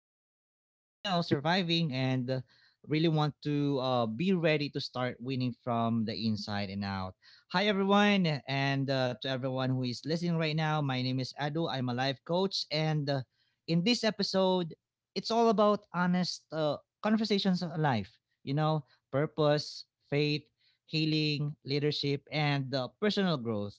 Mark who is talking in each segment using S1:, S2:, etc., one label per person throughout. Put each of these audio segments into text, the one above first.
S1: tired of, surviving and really want to be ready to start winning from the inside and out. Hi, everyone. And To everyone who is listening right now, my name is Edu. I'm a life coach. And In this episode, it's all about honest conversations on life, you know, purpose, faith, healing, leadership, and personal growth.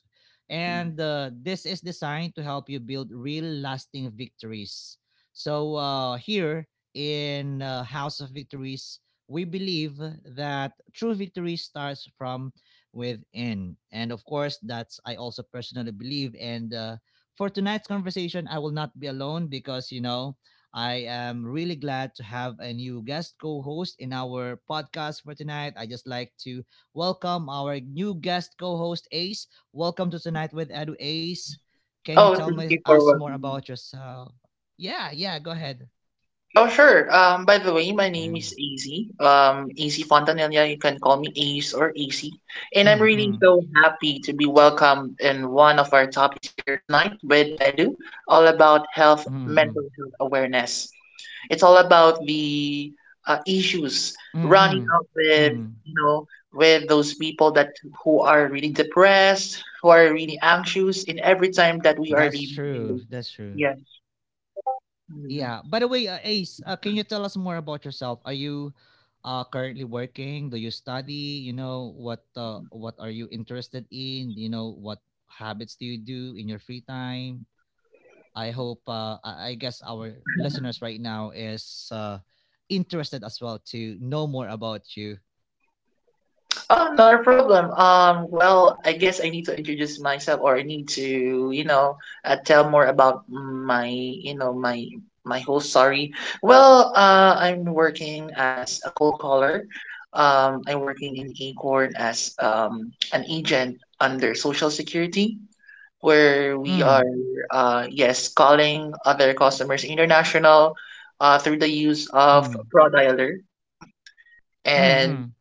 S1: And This is designed to help you build real lasting victories. So, here in House of Victories, we believe that true victory starts from within. And of course, that's I also personally believe. And For tonight's conversation, I will not be alone because, I am really glad to have a new guest co host in our podcast for tonight. I just like to welcome our new guest co-host Ace. Welcome to Tonight with Edu Ace. Can you tell us more about yourself? Yeah, yeah, go ahead. Mm, mm, mm, mm, mm, mm, mm, mm. That's true. That's true. Yeah. By the way, Ace, can you tell us more about yourself? Are you currently working? Do you study? You know what? What are you interested in? You know what habits do you do in your free time? I hope I guess our listeners right now is interested as well to know more about you. Mm, mm, mm, mm.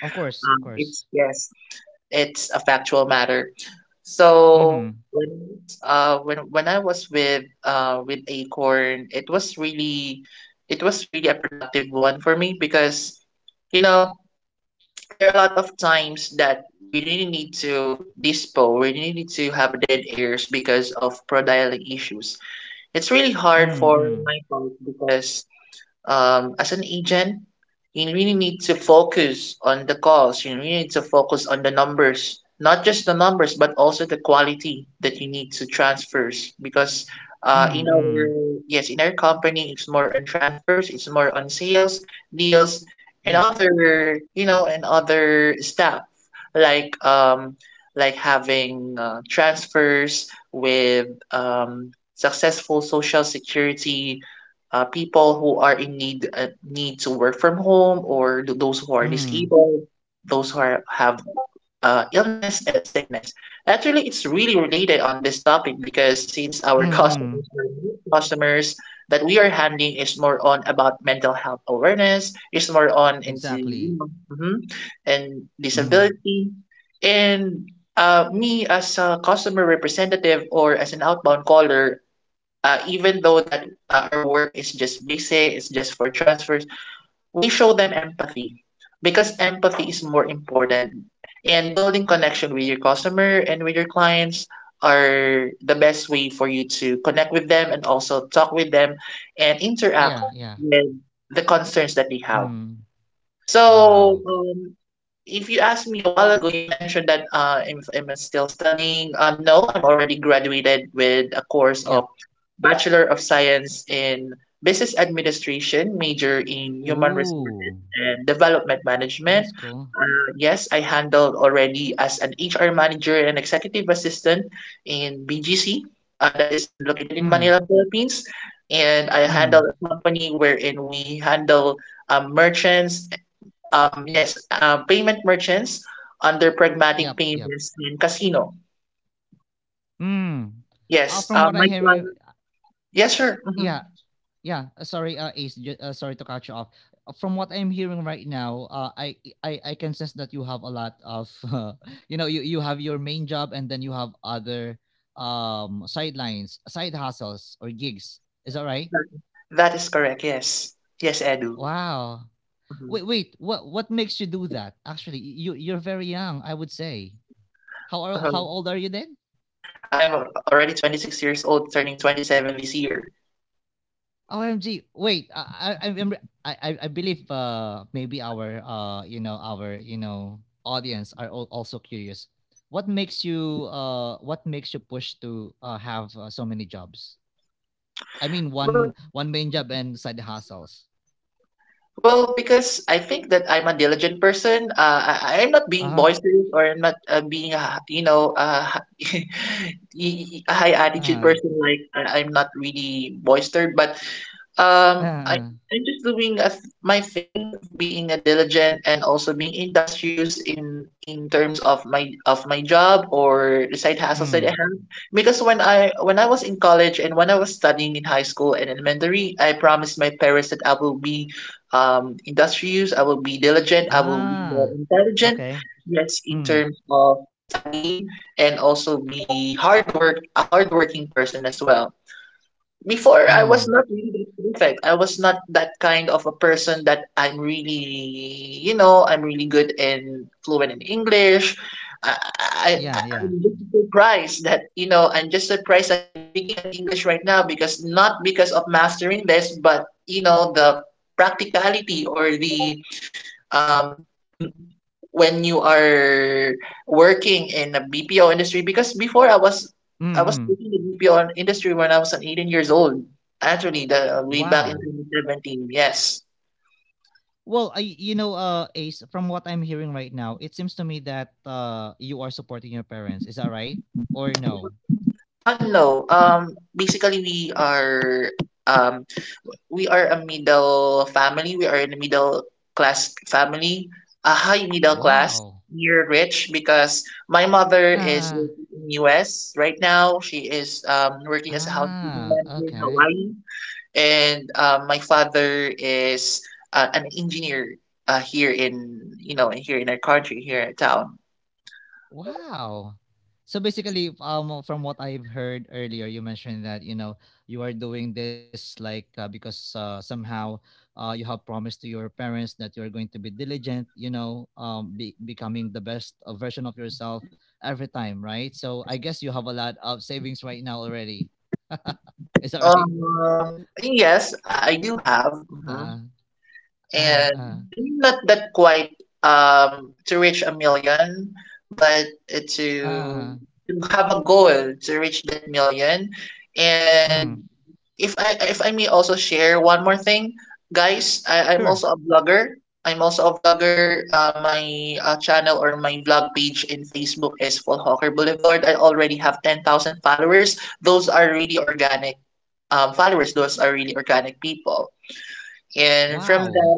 S1: Of course, of course. Mm-hmm. Mm, mm, mm, mm. Yep. Mm, mm, mm. Exactly. Mm. Yeah, yeah. Mm. Wow. Yep. Ooh. That's cool. Mm, mm, yep. Mm. From what I hear, yeah. Yeah, sorry, Ace. Sorry to cut you off. From what I'm hearing right now, I can sense that you have a lot of, you know, you have your main job and then you have other sidelines, side hustles or gigs. Is that right? Wow. Wait, wait. What makes you do that? Actually, you're very young. I would say. How old are you then? OMG. Wait, I I'm, I believe maybe our you know our you know audience are also curious. What makes you push to have so many jobs? I mean one main job and side hustles. Uh-huh. Uh-huh. Uh-huh. Uh-huh. Mm. Ah. Okay. Mm. Mm. Yeah, yeah. Mm, mm. Wow. Well, Ace, from what I'm hearing right now, it seems to me that you are supporting your parents. Is that right? Or no? Wow. Ah, ah. Okay. Wow. So basically, from what I've heard earlier, you mentioned that you know you are doing this like because somehow you have promised to your parents that you are going to be diligent, you know, becoming the best version of yourself every time, right? So I guess you have a lot of savings right now already. Is that right? Uh, uh, uh, uh, uh. Mm, sure. Wow.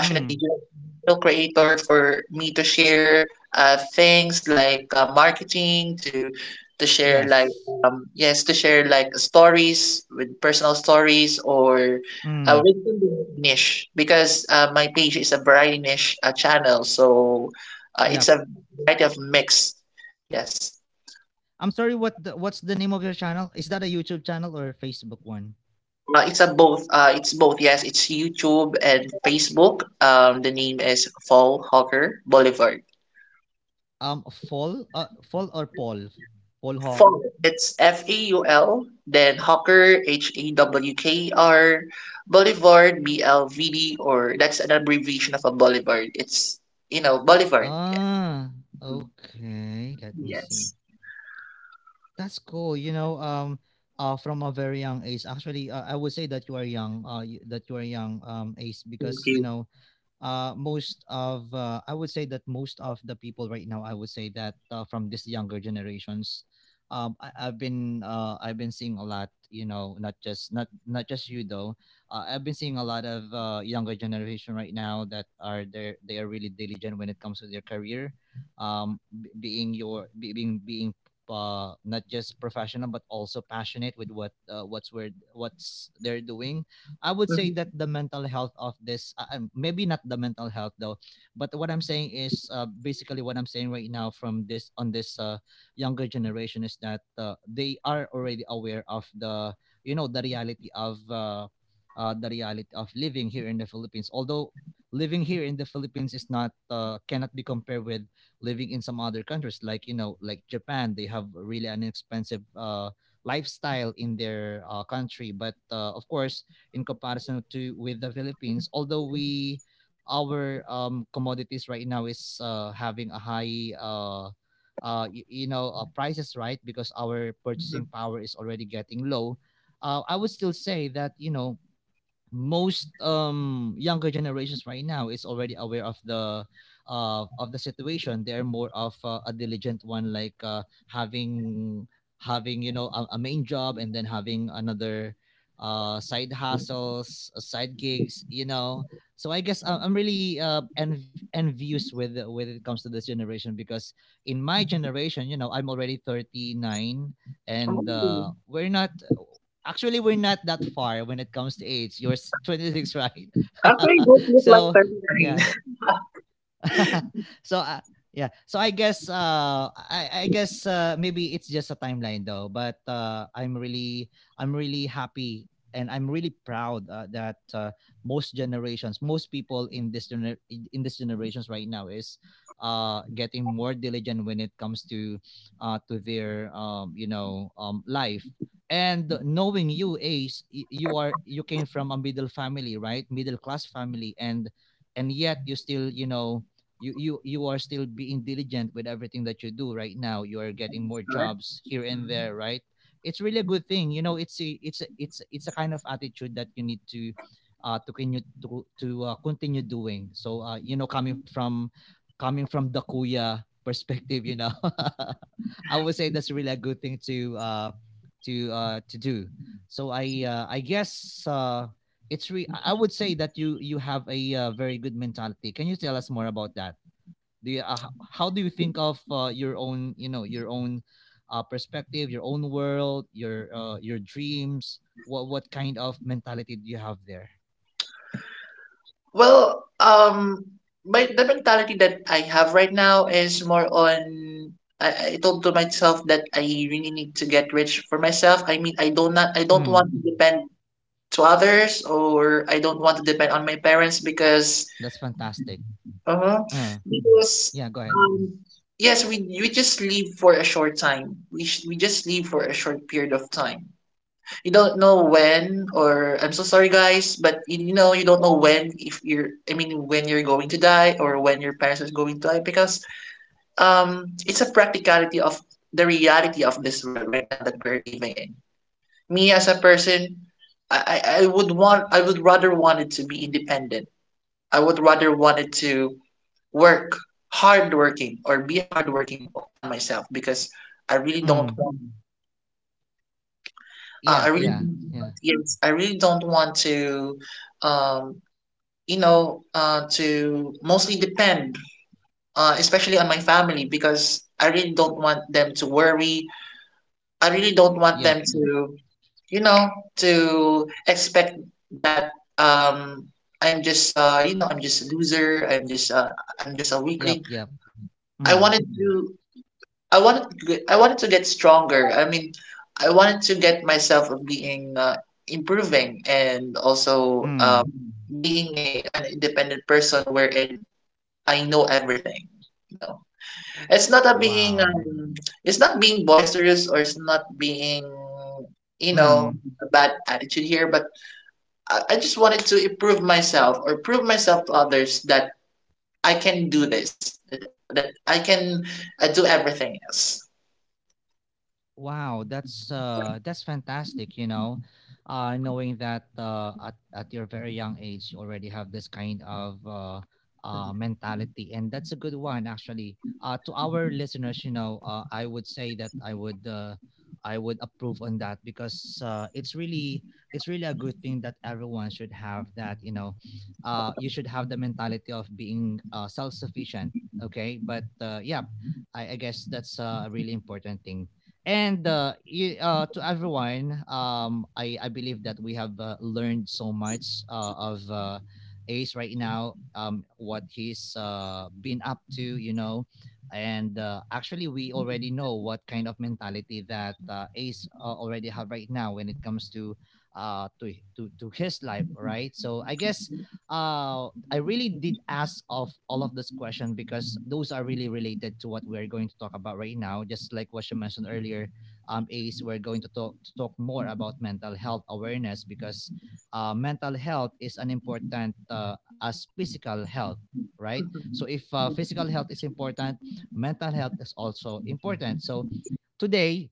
S1: Mm, yes. Mm, yep. I'm sorry, what's the name of your channel? Is that a YouTube channel or a Facebook one? Fall or Paul, Paul Hawk. Ah, okay. Let me see. That's cool. You know, from a very young age. Actually, I would say that you are young. That you are young. Age because you know, most of I would say that most of the people right now I would say that from this younger generations, I've been seeing a lot, you know, not just you though. I've been seeing a lot of younger generation right now that are they are really diligent when it comes to their career, b- being your be- being being not just professional but also passionate with what's they're doing. I would say that the mental health of this, maybe not the mental health though, but what I'm saying is basically what I'm saying right now from this younger generation is that they are already aware of the, you know, the reality of living here in the Philippines. Although living here in the Philippines is not cannot be compared with living in some other countries like, you know, like Japan. They have really an expensive lifestyle in their country, but of course in comparison to with the Philippines. Although we our commodities right now is having a high you know, prices, right, because our purchasing power is already getting low. I would still say that you know most younger generations right now is already aware of the situation. They are more of a diligent one, like having having, you know, a main job and then having another side hustles, side gigs, you know. So I guess I'm really envious with when it comes to this generation because in my generation, you know, I'm already 39, and we're not, actually, we're not that far when it comes to age. You're 26, right? So yeah. So yeah so I guess maybe it's just a timeline though, but I'm really happy and I'm really proud that most generations, most people in in this generations right now is getting more diligent when it comes to their life. And knowing you, Ace, you came from a middle family, right, middle class family, and yet you still, you know, you are still being diligent with everything that you do right now. You are getting more jobs here and there, right? It's really a good thing, you know. It's a kind of attitude that you need to continue doing. So, you know, coming from the kuya perspective, you know, I would say that's really a good thing to to do. So I would say that you have a very good mentality. Can you tell us more about that? Do you how do you think of your own, you know, your own perspective, your own world, your, your dreams? What kind of mentality do you have there? Mm, that's fantastic. uh, yeah, go ahead. Mm, yeah, yeah. Yeah. Yep. Yep, yep. Mm, mm, wow, mm. Wow, that's fantastic, you know. Knowing that at your very young age you already have this kind of mentality, and that's a good one actually. To our listeners, you know, I would approve on that because it's really a good thing that everyone should have that, you know. You should have the mentality of being self-sufficient, okay? But yeah, I guess that's a really important thing, and to everyone, I believe that we have learned so much of Ace right now, what he's been up to, you know. And Actually, we already know what kind of mentality that Ace already have right now when it comes to to his life, right? So I guess I really did ask of all of this question because those are really related to what we're going to talk about right now. Just like what you mentioned earlier, Ace, we're going to talk more about mental health awareness because mental health is an important as physical health, right? So if physical health is important, mental health is also important. So today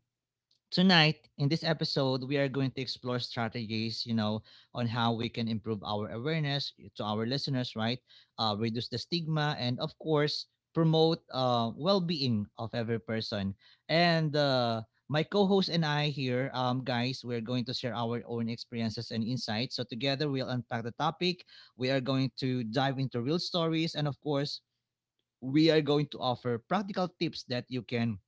S1: tonight, in this episode, we are going to explore strategies, you know, on how we can improve our awareness eh, to our listeners, right? Reduce the stigma and, of course, promote well being of every person. And My co host and I here, guys, we're going to share our own experiences and insights. So, together, we'll unpack the topic. We are going to dive into real stories. And, of course, we are going to offer practical tips that you can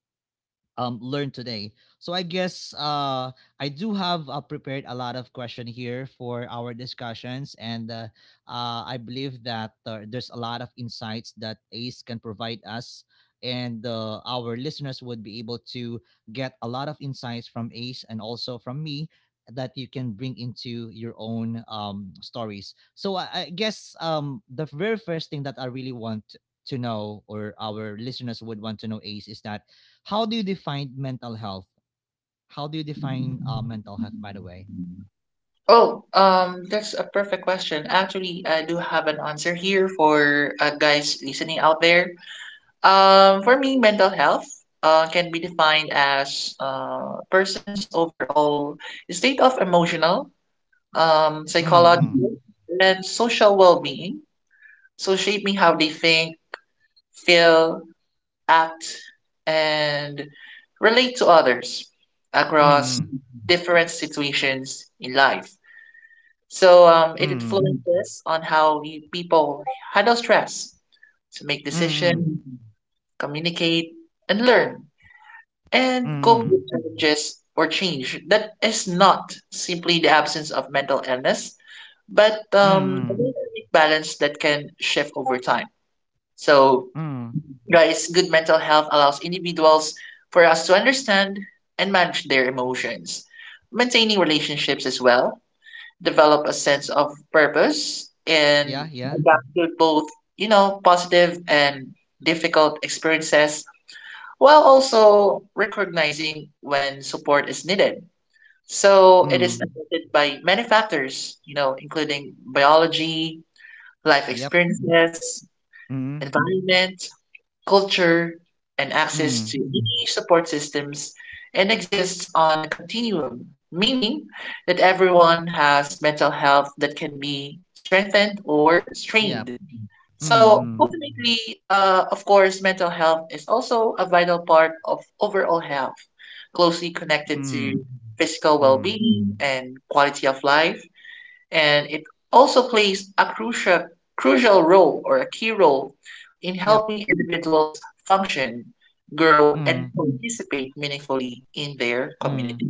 S1: learn today. So I guess I do have prepared a lot of question here for our discussions, and I believe that there's a lot of insights that Ace can provide us, and our listeners would be able to get a lot of insights from Ace and also from me that you can bring into your own stories. So I guess the very first thing that I really want to know, or our listeners would want to know, Ace, is that how do you define mental health? How do you define mental health, by the way? Mm-mm. Mm-mm. Mm-mm. Mm-mm. Mm-mm. Mm-mm. mm Yeah, yeah, mm yep, Mm-mm. Yep, Mm-mm. Mm-mm. Mm-mm. Yep. Mm-mm.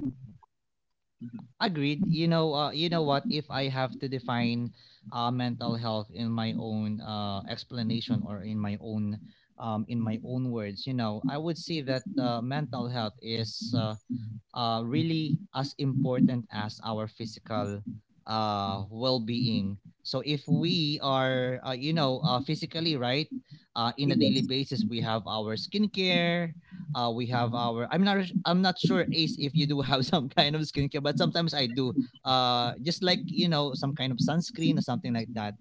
S1: Agreed. You know what? If I have to define mental health in my own explanation or in my own in my own words, you know, I would say that mental health is really as important as our physical well-being. So if we are, you know, physically right, in a daily basis, we have our skincare. We have our. I'm not. I'm not sure, Ace, if you do have some kind of skincare, but sometimes I do. Just like you know, some kind of sunscreen or something like that.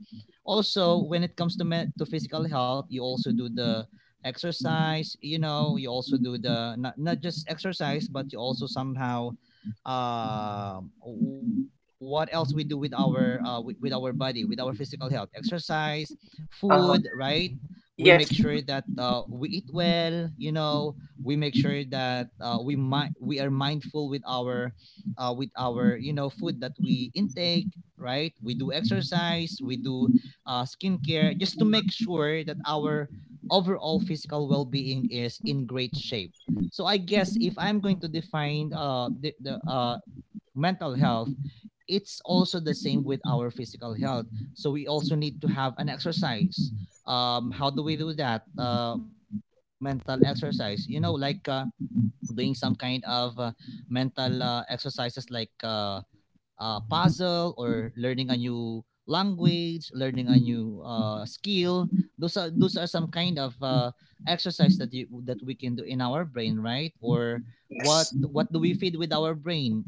S1: Also, when it comes to to physical health, you also do the exercise, you know, you also do the not just exercise but you also somehow, um, what else we do with our with our body, with our physical health, exercise, food, right? We make sure that we eat well, you know, we make sure that we are mindful with our with our, you know, food that we intake, right? We do exercise, we do skincare just to make sure that our overall physical well-being is in great shape. So I guess if I'm going to define the mental health, it's also the same with our physical health. So we also need to have an exercise. How do we do that? Mental exercise. You know, like doing some kind of mental exercises like puzzle or learning a new language, learning a new skill. Those are some kind of exercise that you that we can do in our brain, right? Or what do we feed with our brain?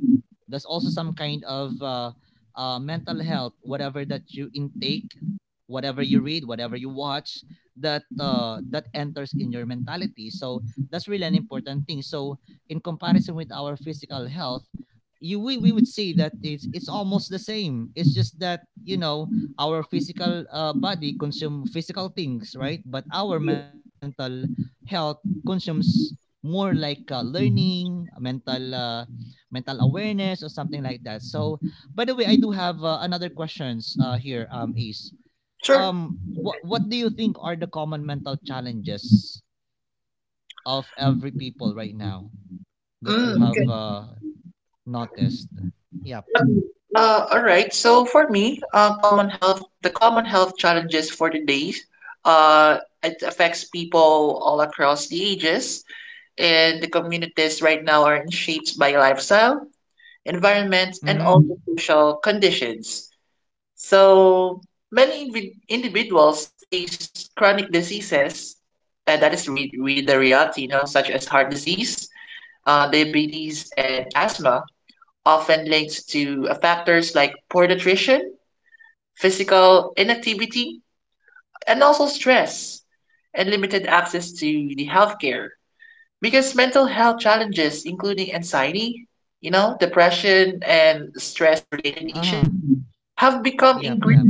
S1: That's also some kind of mental health. Whatever that you intake, whatever you read, whatever you watch, that that enters in your mentality. So that's really an important thing. So in comparison with our physical health, we would see that it's almost the same. It's just that, you know, our physical body consume physical things, right? But our mental health consumes more like learning mental mental awareness or something like that. So, by the way, I do have another questions here, um, Ace. um what do you think are the common mental challenges of every people right now that you have noticed? Yep. Mm-hmm. Uh-huh. Yep, yep.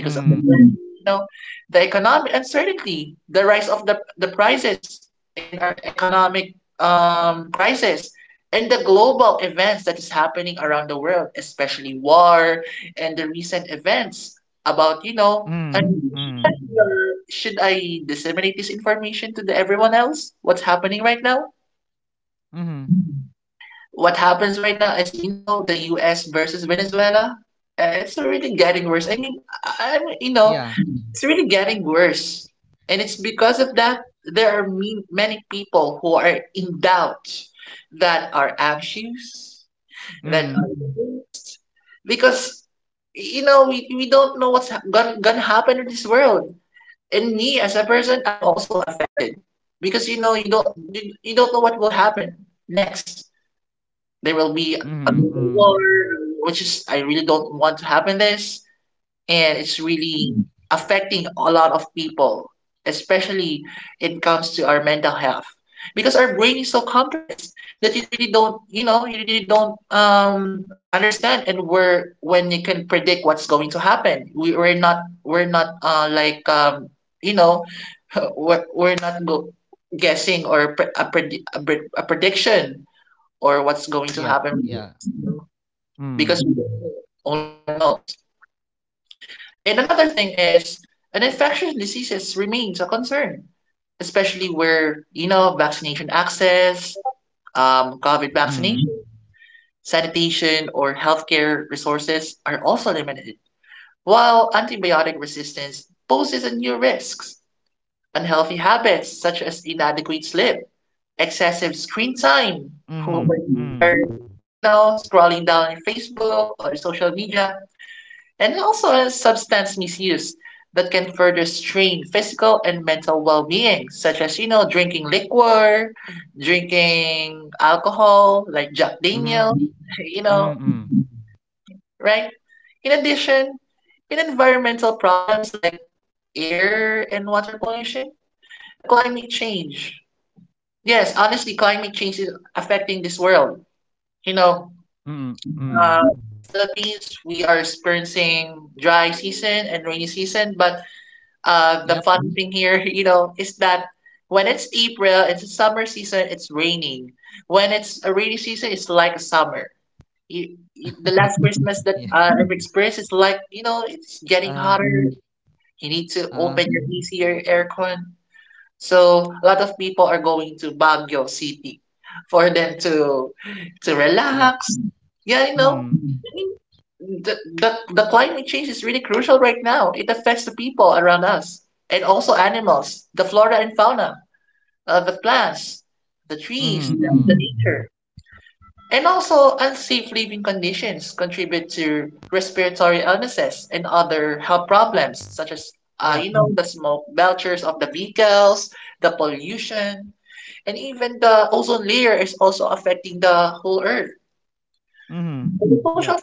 S1: Mm. Mm. Mm. Mhm. Yeah. Mm. Mhm. Mm. Yep. Yep. Yeah. Mm. Mm. Mhm. Mm. Mhm. Mm. Mm. Mm. Yep. Yeah. Uh. Uh. Yep. Mm. Mhm. Mm. Yep. Mhm. Yep.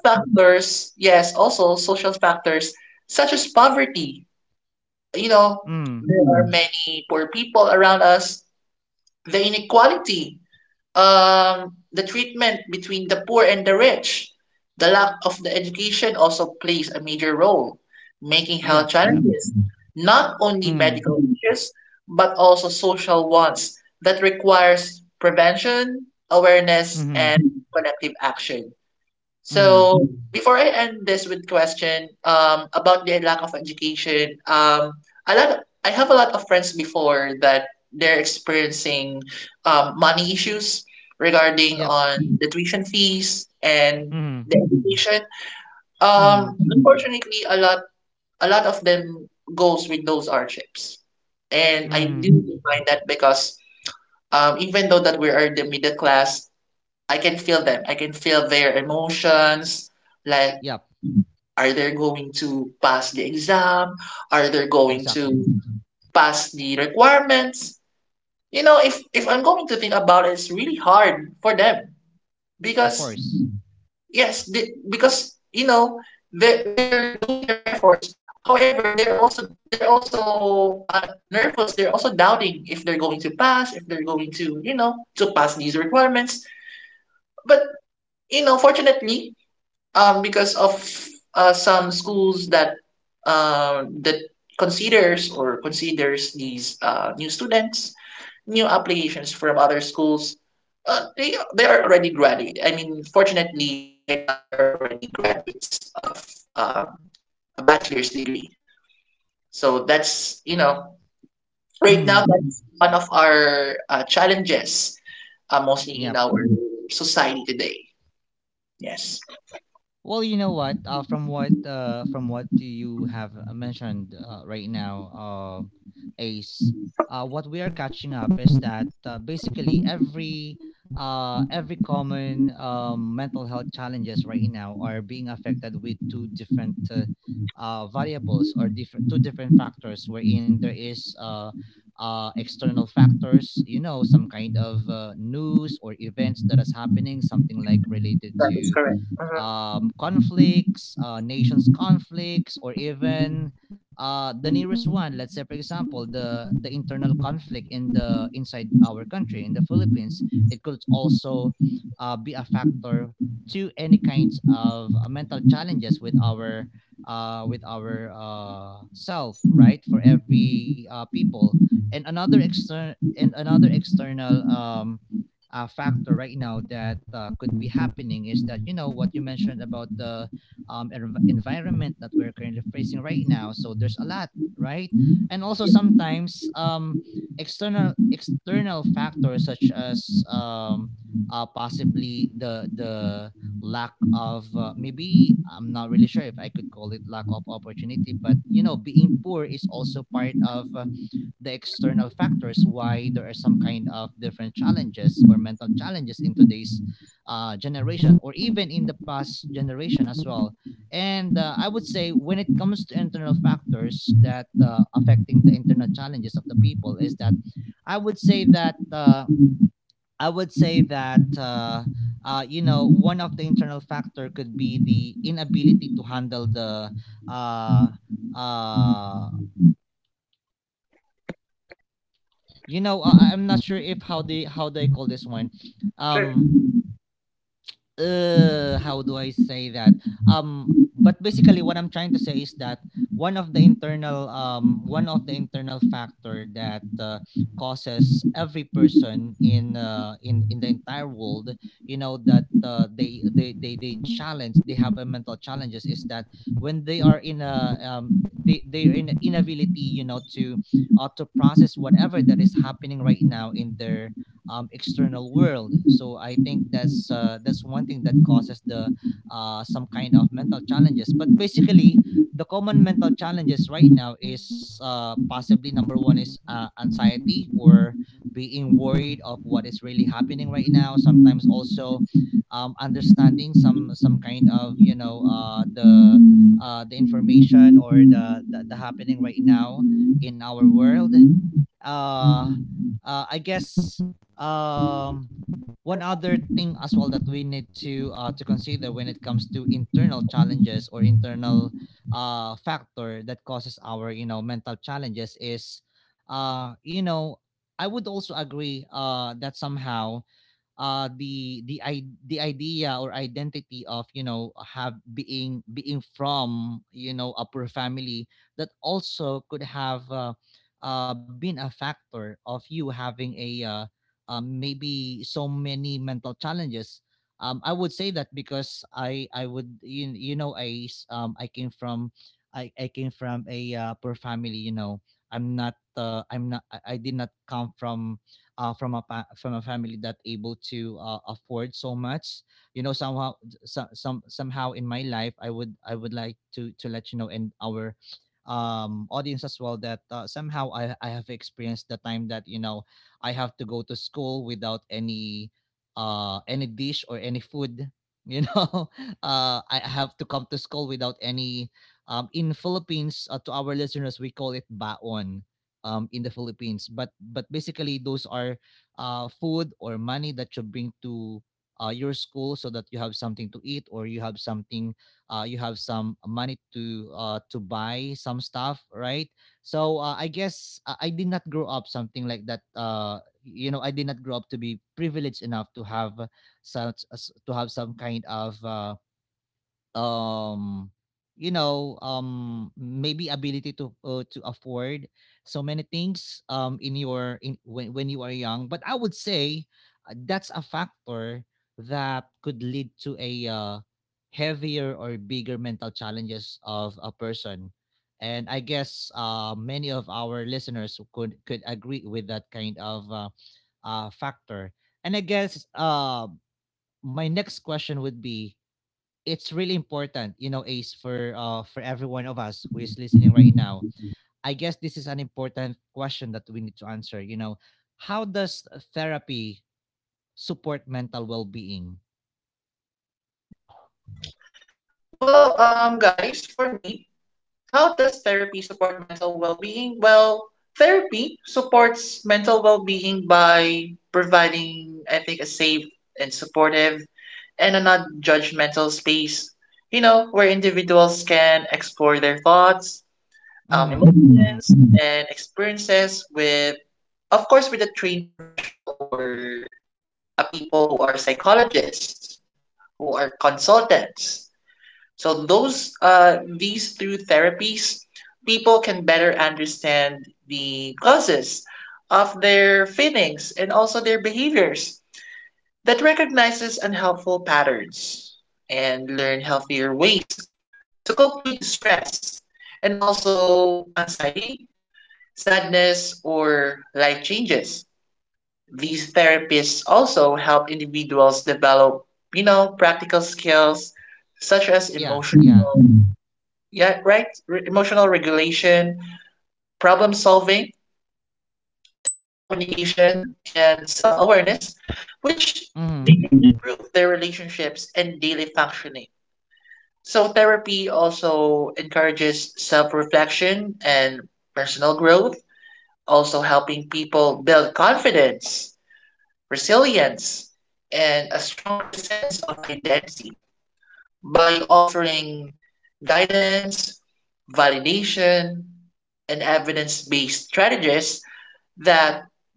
S1: Mm. Yep. Yep. Mm. Mhm. Mhm. Yep. Mhm. Mhm. Mhm. Yep. Exactly. Of course. Hmm, yep. Well, you know what? From what do you have mentioned right now, Ace? What we are catching up is that basically every common, mental health challenges right now are being affected with two different variables or different two different factors, wherein there is external factors, you know, some kind of news or events that is happening, something like related to, conflicts, nations' conflicts, or even the nearest one. Let's say, for example, the internal conflict in the inside our country in the Philippines. It could also be a factor to any kinds of mental challenges with our self, right? For every people, and another external, factor right now that could be happening is that, you know, what you mentioned about the, environment that we're currently facing right now. So there's a lot, right? And also sometimes, external factors such as, possibly the lack of, maybe I'm not really sure if I could call it lack of opportunity, but you know being poor is also part of the external factors why there are some kind of different challenges or mental challenges in today's generation or even in the past generation as well. And I would say when it comes to internal factors that affecting the internal challenges of the people is that I would say that I would say that you know, one of the internal factor could be the inability to handle the uh, uh, you know. I'm not sure if how they call this one. Um, Uh, how do I say that? But basically, what I'm trying to say is that one of the internal factor that causes every person in the entire world, you know, that they have a mental challenges is that when they are in a, um, they their in inability, you know, to process whatever that is happening right now in their, external world. So I think that's one thing that causes the some kind of mental challenges. But basically, the common mental challenges right now is possibly number one is anxiety or being worried of what is really happening right now. Sometimes also, understanding some kind of, you know, the information or the, the happening right now in our world. uh, I guess, um, one other thing as well that we need to consider when it comes to internal challenges or internal factor that causes our, you know, mental challenges is, you know, I would also agree that somehow the idea or identity of, you know, have being being from, you know, a poor family, that also could have been a factor of you having a maybe so many mental challenges. Um, I would say that because I would, you know, I came from, I came from a, poor family, you know. I'm not, I did not come from, from a family that able to afford so much, you know. Somehow, somehow in my life, I would, I would like to let you know and our, um, audience as well that, somehow I have experienced the time that, you know, I have to go to school without any any dish or any food, you know. Uh, I have to come to school without any, um, in philippines, to our listeners, we call it baon, in the Philippines. But basically, those are food or money that you bring to your school so that you have something to eat or you have something, you have some money to buy some stuff, right? So I guess I did not grow up something like that. You know, I did not grow up to be privileged enough to have such as to have some kind of, um you know, um, maybe ability to afford so many things, um, in your when you are young. But I would say, that's a factor that could lead to a, heavier or bigger mental challenges of a person. And I guess many of our listeners who could agree with that kind of, factor. And I guess, my next question would be, it's really important, you know, Ace, for every one of us who is listening right now. I guess this is an important question that we need to answer. You know, how does therapy support mental well-being? Mm-hmm. Mm-hmm. Yeah, yeah. Mm-hmm.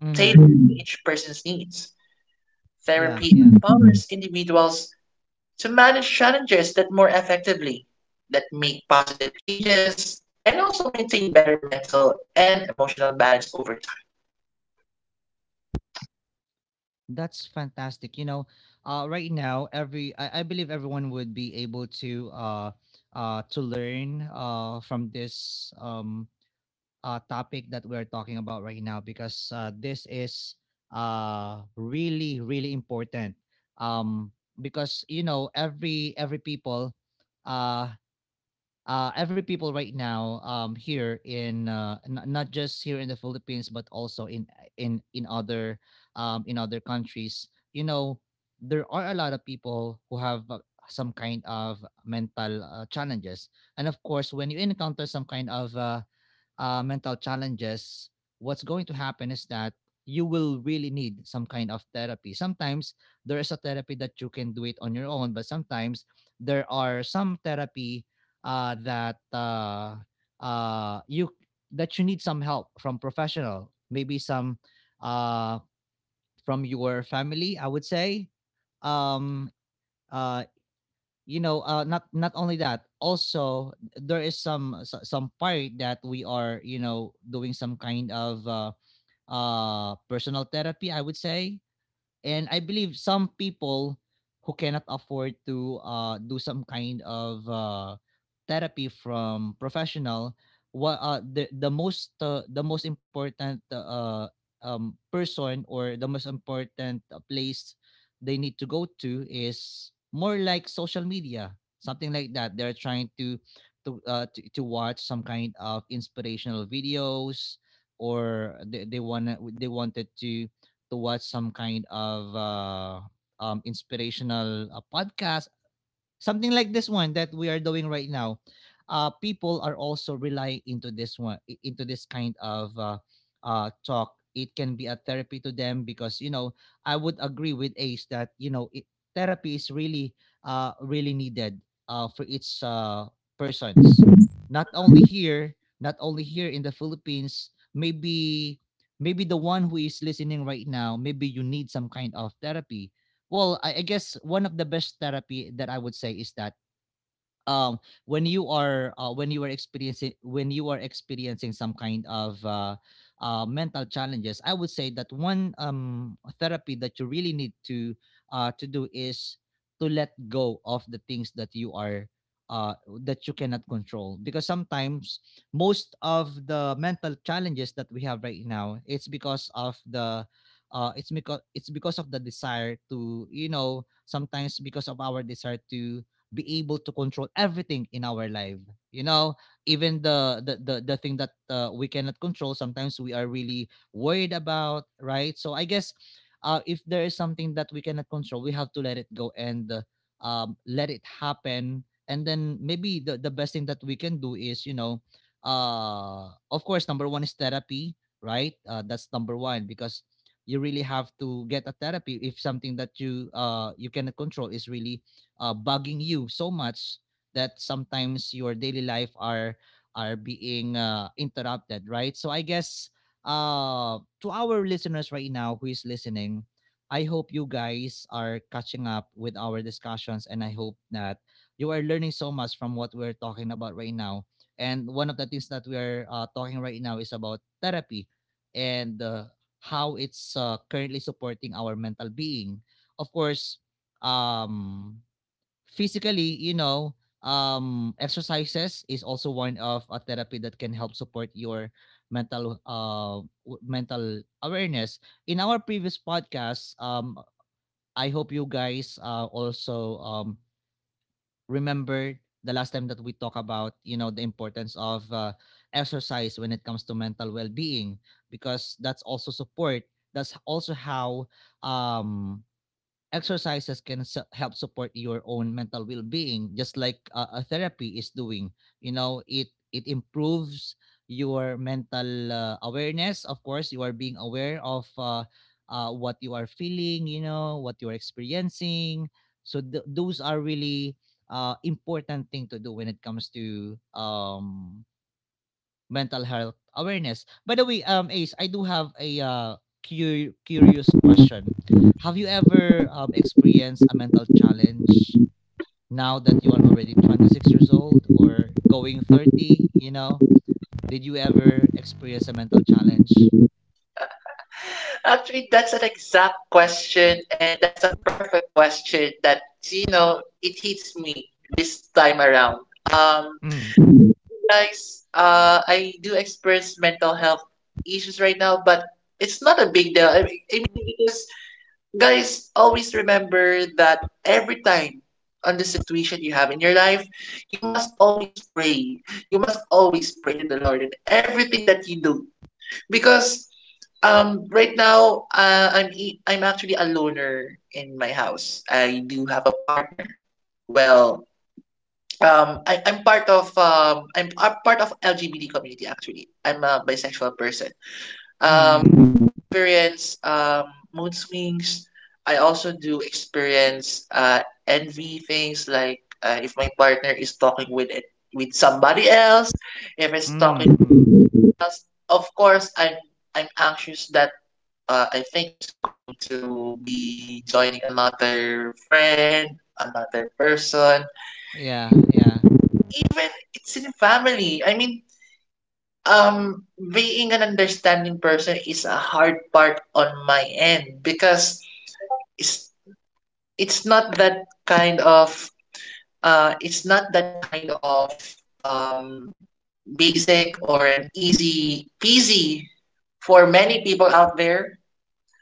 S1: Mm-hmm. Yeah, yeah. That's fantastic. You know, right now, I believe everyone would be able to learn from this topic that we're talking about right now because this is really really important um, because you know every people uh, every people right now, here in not just here in the Philippines but also in other, in other countries, you know, there are a lot of people who have some kind of mental challenges. And of course, when you encounter some kind of mental challenges, what's going to happen is that you will really need some kind of therapy. Sometimes there is a therapy that you can do it on your own, but sometimes there are some therapy uh, that uh, uh, you that you need some help from professional, maybe some uh, from your family. I would say, um, uh, you know, not not only that, also there is some some part that we are, you know, doing some kind of personal therapy, I would say. And I believe some people who cannot afford to do some kind of therapy from professional, what the most the most important person or the most important place they need to go to is more like social media, something like that. They're trying to to watch some kind of inspirational videos, or they wanna they wanted to watch some kind of inspirational podcast. Something like this one that we are doing right now. People are also relying into this one, into this kind of talk. It can be a therapy to them because, you know, I would agree with Ace that, you know, it, therapy is really, really needed for its persons. Not only here, not only here in the Philippines. Maybe maybe the one who is listening right now, maybe you need some kind of therapy. Well, I guess one of the best therapy that I would say is that, um when you are when you are experiencing some kind of mental challenges, I would say that one therapy that you really need to do is to let go of the things that you are uh that you cannot control. Because sometimes most of the mental challenges that we have right now, it's because of the it's because of the desire to, you know, sometimes because of our desire to be able to control everything in our life, you know. Even the the thing that we cannot control, sometimes we are really worried about, right? So I guess if there is something that we cannot control, we have to let it go and let it happen. And then maybe the best thing that we can do is, you know, of course, number one is therapy, right? That's number one, because you really have to get a therapy if something that you you cannot control is really bugging you so much that sometimes your daily life are being interrupted, right? So I guess, to our listeners right now who is listening, I hope you guys are catching up with our discussions, and I hope that you are learning so much from what we're talking about right now. And one of the things that we are talking right now is about therapy and how it's currently supporting our mental being. Of course, um, physically, you know, exercises is also one of a therapy that can help support your mental mental awareness. In our previous podcast, I hope you guys also remember the last time that we talk about, you know, the importance of exercise when it comes to mental well-being, because that's also support, that's also how, um exercises can help support your own mental well-being, just like a therapy is doing. You know, it improves your mental awareness. Of course, you are being aware of what you are feeling, you know, what you are experiencing. So those are really important thing to do when it comes to mental health awareness. By the way, Ace, I do have a curious question. Have you ever experienced a mental challenge now that you are already 26 years old or going 30? You know, did you ever experience a mental challenge? Mm, mm, mm, mm, mm. Yeah, yeah,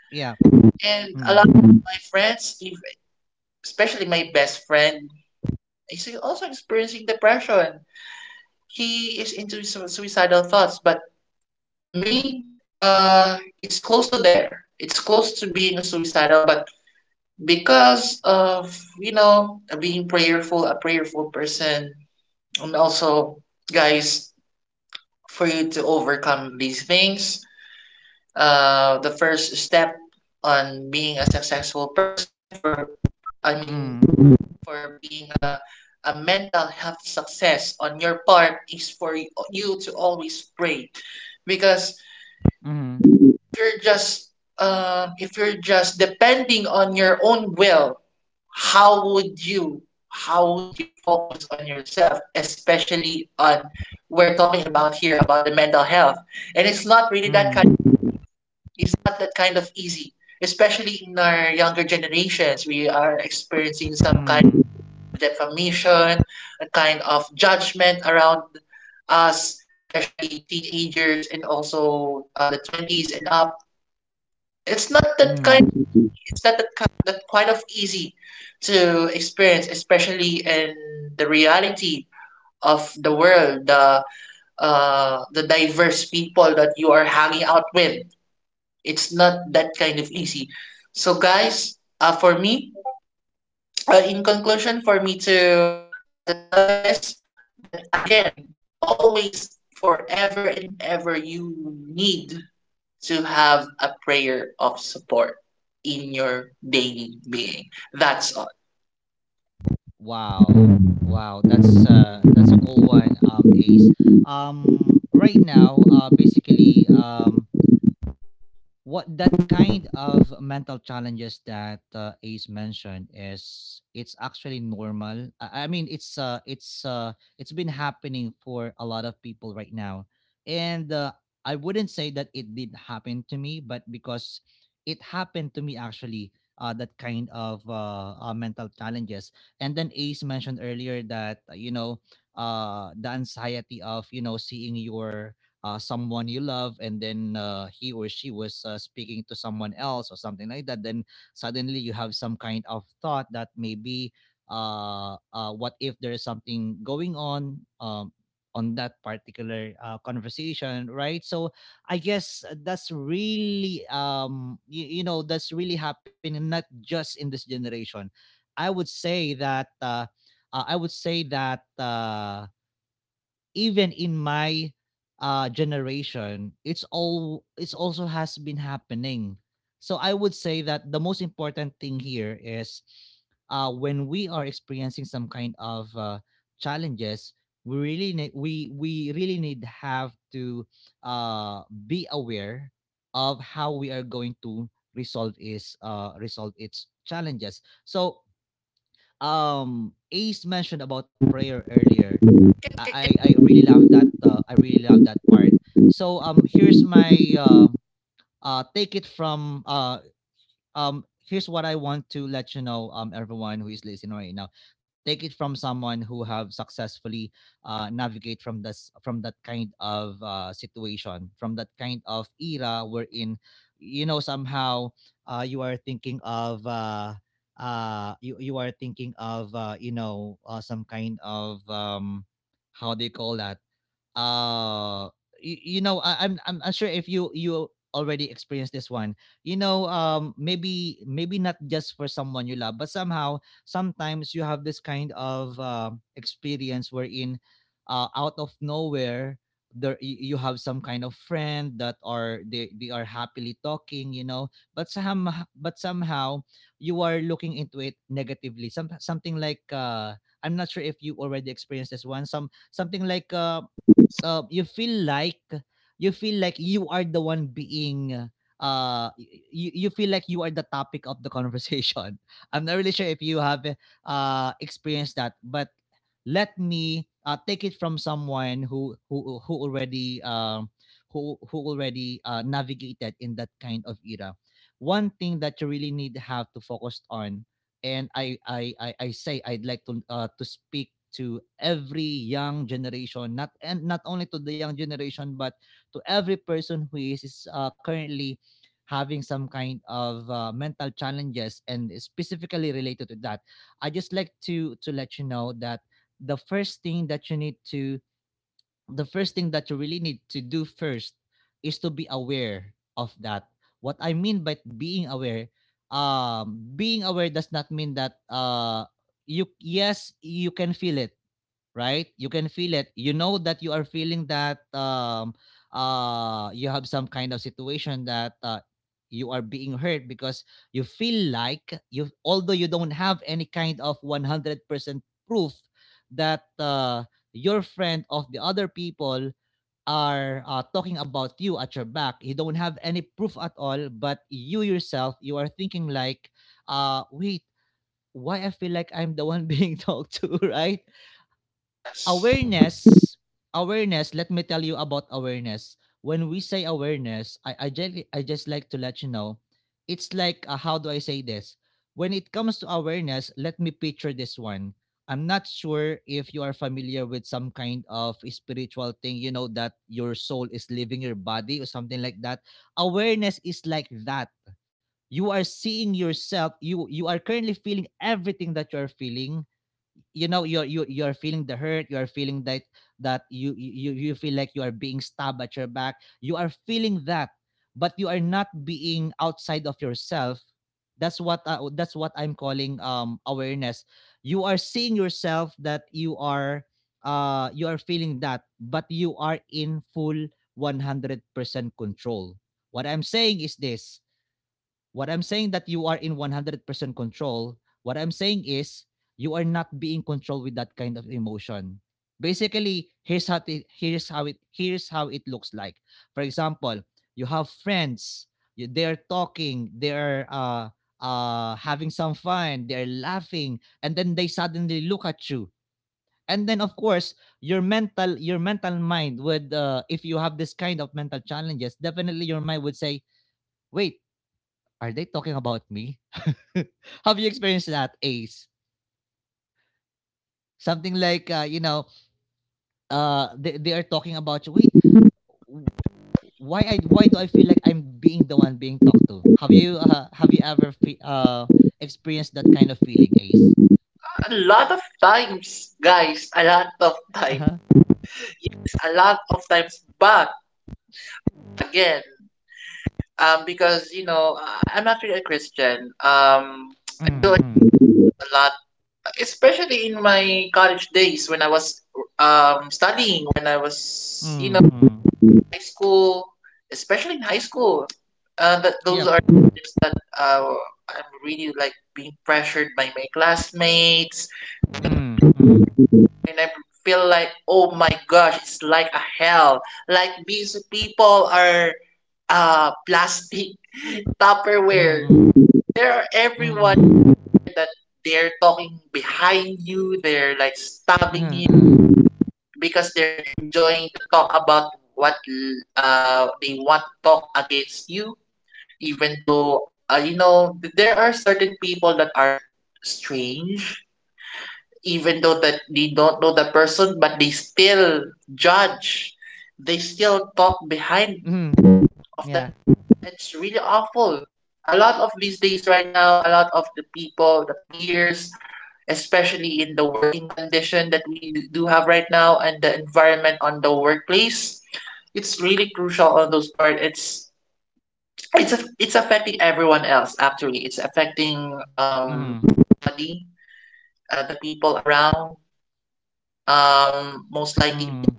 S1: yeah. Mm, mm, mm, mm, mm, mm. Wow. Wow, that's a cool one, Ace. Right now, basically, what that kind of mental challenges that Ace mentioned is, it's actually normal. I mean, it's been happening for a lot of people right now, and I wouldn't say that it did happen to me, but because it happened to me actually. That kind of mental challenges, and then Ace mentioned earlier that, you know, the anxiety of, you know, seeing your someone you love, and then he or she was speaking to someone else or something like that, then suddenly you have some kind of thought that maybe what if there is something going on that particular conversation, right? So I guess that's really, you know, that's really happening not just in this generation. I would say that I would say that even in my generation, it's also has been happening. So I would say that the most important thing here is, when we are experiencing some kind of challenges, we really need have to uh be aware of how we are going to resolve its challenges. So, Ace mentioned about prayer earlier. I really love that, I really love that part. So, here's my take it from here's what I want to let you know, everyone who is listening right now. Take it from someone who have successfully navigate from this from that kind of situation, from that kind of era, wherein, you know, somehow you are thinking of you are thinking of, you know, some kind of how do you call that, uh you know, I'm not sure if you already experienced this one, you know. Maybe maybe not just for someone you love, but somehow sometimes you have this kind of experience wherein out of nowhere there you have some kind of friend that are, they are happily talking, you know, but some but somehow you are looking into it negatively. Some something like I'm not sure if you already experienced this one. Some something like you feel like you are the one being uh you, you feel like you are the topic of the conversation I'm not really sure if you have experienced that, but let me take it from someone who already, who already navigated in that kind of era. One thing that you really need to have to focus on, and I say I'd like to speak to every young generation, not only to the young generation, but to every person who is currently having some kind of mental challenges, and specifically related to that. I just like to let you know that the first thing that you need to, the first thing that you really need to do first, is to be aware of that. What I mean by being aware does not mean that, you, yes, you can feel it, right? You can feel it. You know that you are feeling that you have some kind of situation that you are being hurt because you feel like you, although you don't have any kind of 100% proof that your friend of the other people are talking about you at your back. You don't have any proof at all, but you yourself, you are thinking like, wait, why I feel like I'm the one being talked to right? Awareness, awareness. Let me tell you about awareness. When we say awareness, I just like to let you know, it's like how do I say this? When it comes to awareness, let me picture this one. I'm not sure if you are familiar with some kind of spiritual thing, you know, that your soul is leaving your body or something like that. Awareness is like that. You are seeing yourself, you are currently feeling everything that you are feeling. You know, you're feeling the hurt, you're feeling that, that you feel like you are being stabbed at your back, you are feeling that. But you are not being outside of yourself. That's what I'm calling awareness. You are seeing yourself that you are feeling that, but you are in full 100% control. What I'm saying is this. What I'm saying, that you are in 100% control. What I'm saying is, you are not being controlled with that kind of emotion. Basically, here's how it, here's how it here's how it looks like. For example, you have friends, you, they're talking, they're having some fun, they're laughing, and then they suddenly look at you. And then of course, your mental mind would if you have this kind of mental challenges, definitely your mind would say, "Wait, are they talking about me?" Have you experienced that, Ace? Something like you know, they are talking about you. Wait, w- why do I feel like I'm being the one being talked to? Have you ever experienced that kind of feeling, Ace? Uh huh. Mm mm mm mm. Yep. Mm mm mm mm mm mm mm mm mm. Yeah. Mm mm.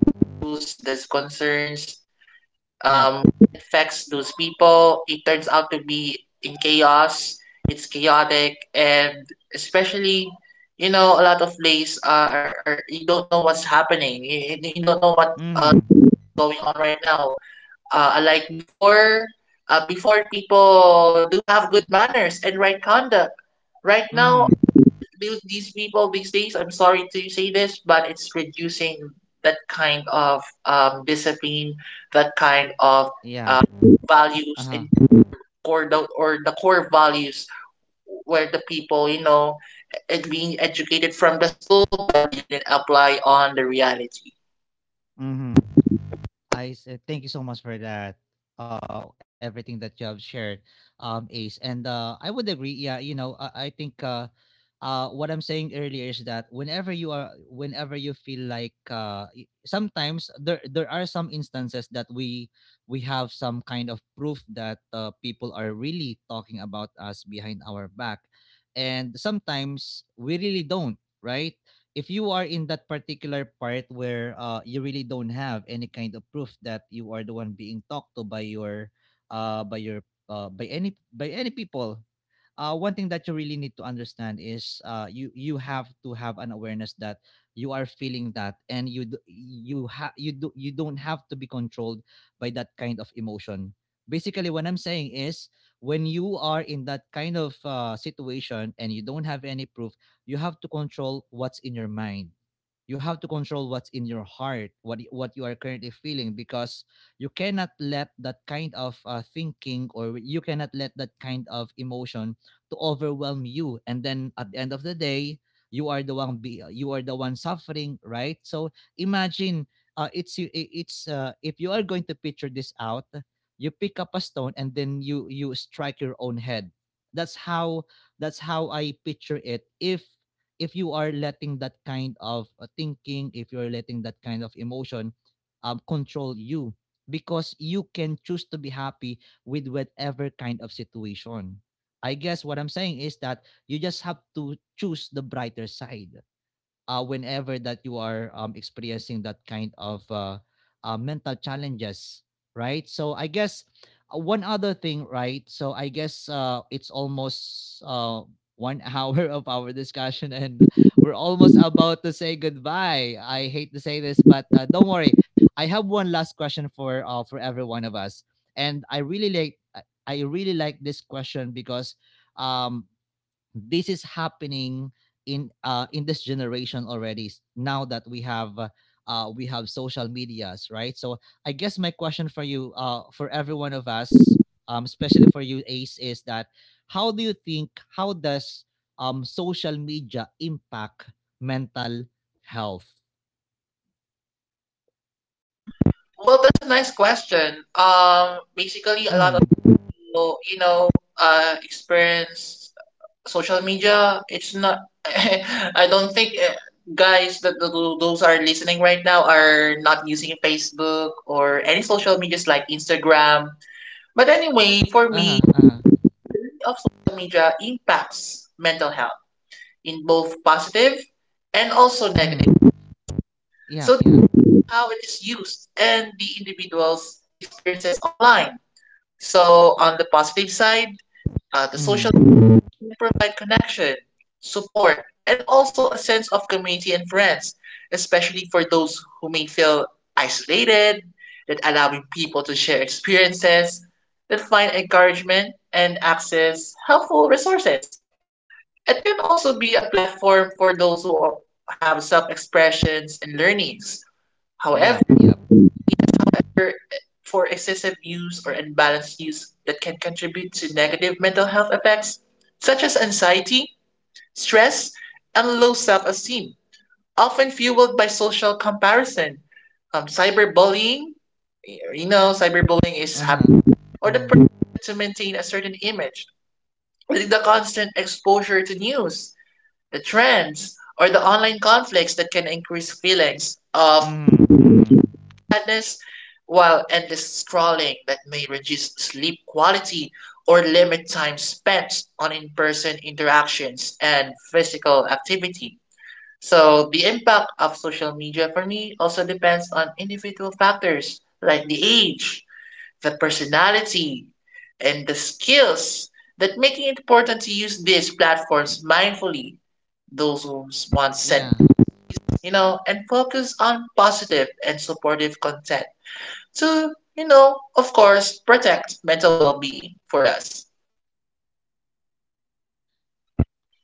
S1: Yep. Mm mm. Yep. Uh huh. Mm. Thank you so much for that. Everything that you have shared, Ace, and I would agree. Yeah, you know, I think what I'm saying earlier is that whenever you feel like, sometimes there are some instances that we have some kind of proof that people are really talking about us behind our back, and sometimes we really don't, right? If you are in that particular part where you really don't have any kind of proof that you are the one being talked to by your by any people, one thing that you really need to understand is, you, you have to have an awareness that you are feeling that, and you d- you ha- you do you don't have to be controlled by that kind of emotion. Basically what I'm saying is, when you are in that kind of situation and you don't have any proof, you have to control what's in your mind, you have to control what's in your heart, what you are currently feeling, because you cannot let that kind of thinking, or you cannot let that kind of emotion to overwhelm you, and then at the end of the day, you are the one suffering, right? So imagine, it's y- I- it's if you are going to picture this out, you pick up a stone and then you strike your own head. That's how I picture it, if you are letting that kind of thinking, if you're letting that kind of emotion, control you, because you can choose to be happy with whatever kind of situation. I guess what I'm saying is that you just have to choose the brighter side, whenever that you are experiencing that kind of mental challenges. Right, so I guess one other thing right so I guess it's almost one hour of our discussion, and we're almost about to say goodbye. I hate to say this, but don't worry, I have one last question for every one of us. And I really like this question, because um this is happening in this generation already. Now that we have social medias, right? So I guess my question for you, for every one of us, especially for you, Ace, is that, how do you think, how does social media impact mental health? Mm. Uh-huh, uh-huh. Mm. Yep, yeah. Mm. Yep, yep. Uh-huh. Mm. Mm mm. Yeah.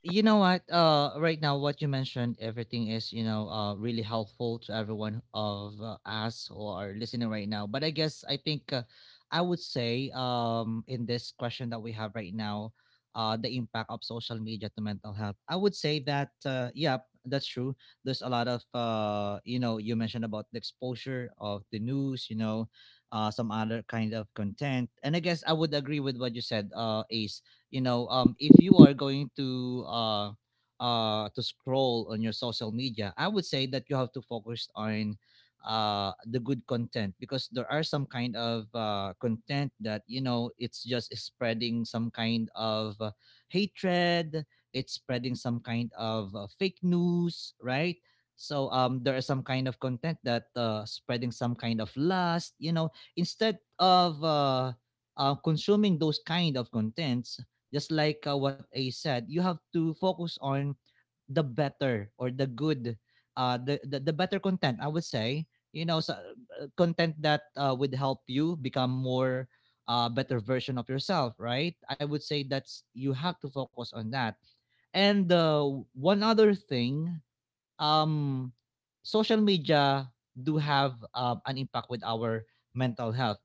S1: You know what, right now what you mentioned, everything is, you know, really helpful to everyone of us who are listening right now. But I guess I think I would say, in this question that we have right now, the impact of social media to mental health, I would say that yeah, that's true. There's a lot of you know, you mentioned about the exposure of the news, you know, some other kind of content, and I guess I would agree with what you said, Ace. You know, if you are going to scroll on your social media, I would say that you have to focus on the good content, because there are some kind of content that, you know, it's just spreading some kind of hatred, it's spreading some kind of fake news, right? So there are some kind of content that spreading some kind of lust, you know. Instead of consuming those kind of contents, just like what I said, you have to focus on the better or the good, the better content, I would say. You know, so, content that would help you become more better version of yourself, right? I would say that's, you have to focus on that. And one other thing, um, social media do have an impact with our mental health.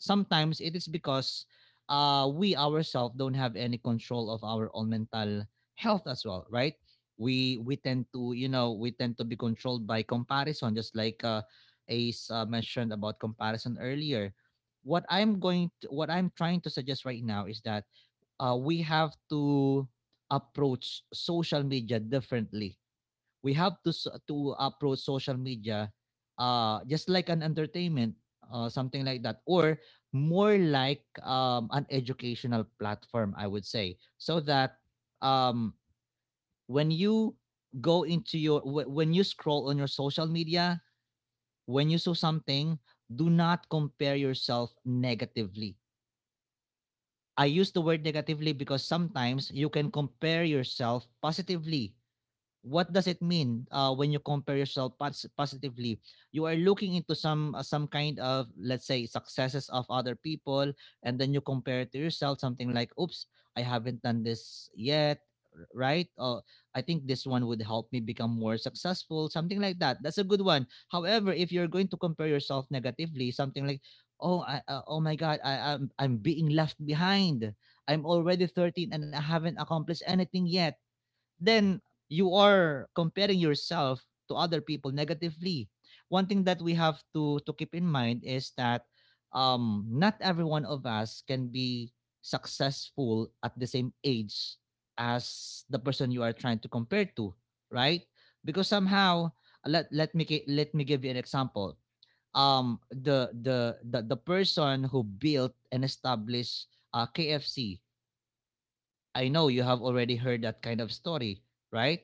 S1: Sometimes it is because we ourselves don't have any control of our own mental health as well, right? We tend to, you know, we tend to be controlled by comparison, just like Ace mentioned about comparison earlier. What I'm trying to suggest right now is that we have to approach social media differently. We have to approach social media just like an entertainment, something like that, or more like an educational platform, I would say, so that um when you go into your wh- when you scroll on your social media, when you saw something, do not compare yourself negatively. I use the word negatively because sometimes you can compare yourself positively. What does it mean when you compare yourself positively? You are looking into some kind of, let's say, successes of other people, and then you compare it to yourself, something like, oops, I haven't done this yet, right? I think this one would help me become more successful, something like that. That's a good one. However, if you're going to compare yourself negatively, something like, oh my god, I'm being left behind, I'm already 13 and I haven't accomplished anything yet, then you are comparing yourself to other people negatively. One thing that we have to keep in mind is that not every one of us can be successful at the same age as the person you are trying to compare to, right? Because somehow, let me give you an example. The person who built and established KFC. I know you have already heard that kind of story, right?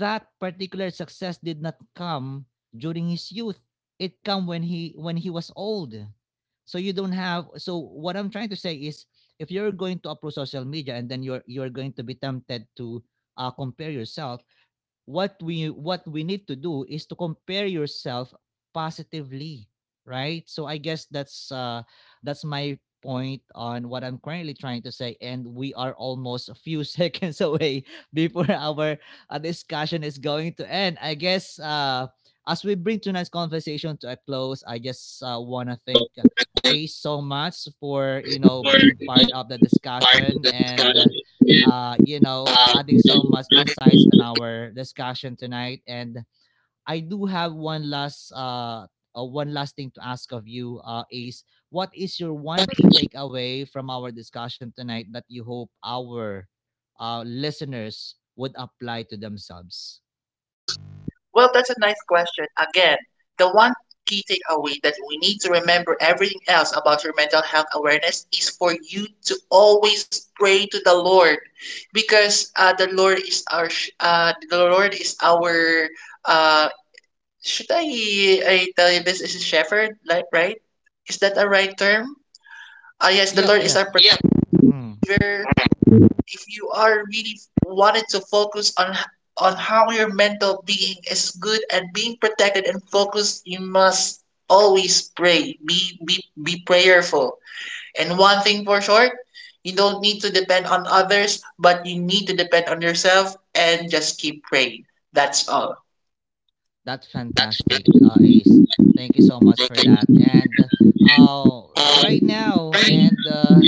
S1: That particular success did not come during his youth. It come when he was old. So you don't have, so what I'm trying to say is, if you're going to approach social media and then you're going to be tempted to compare yourself, what we need to do is to compare yourself positively, right? So I guess that's my point on what I'm currently trying to say. And we are almost a few seconds away before our discussion is going to end. I guess as we bring tonight's conversation to a close, I just want to thank
S2: Ah,
S1: Ace so much for, you know, being part of the discussion and you know, adding so much insights on our discussion tonight. And I do have one last thing to ask of you, Ace. What is your one key takeaway from our discussion tonight that you hope our listeners would apply to themselves? Yep, yep. Mm. That's fantastic, Ace. Thank you so much for that. And right now, and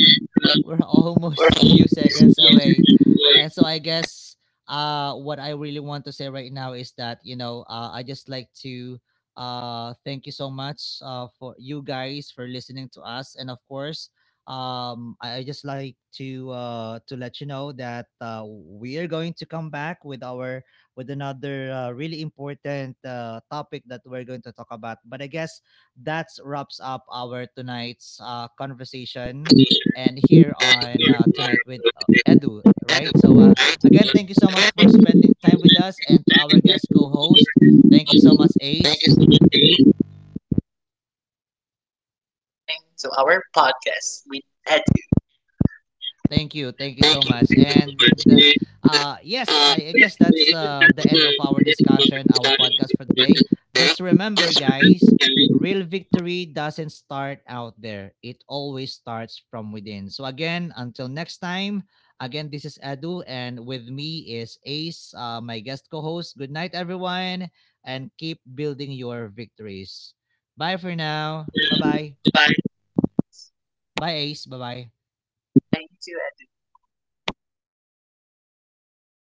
S1: we're almost a few seconds away. And so I guess what I really want to say right now is that, you know, I just like to thank you so much for you guys for listening to us. And of course, I just like to let you know that we are going to come back with our with another really important topic that we're going to talk about. But I guess that wraps up our tonight's conversation, and here on tonight with Edu, right? So again, thank you so much for spending time with us and to our guest co-host. Thank you so much, Ace. Thank you. Thank you so much. And yes, I guess that's the end of our discussion, our podcast for today. Just remember guys, real victory doesn't start out there. It always starts from within. So again, until next time, again this is Edu, and with me is Ace, my guest co-host. Good night everyone, and keep building your victories. Bye for now. Bye-bye. Bye Ace. Bye-bye.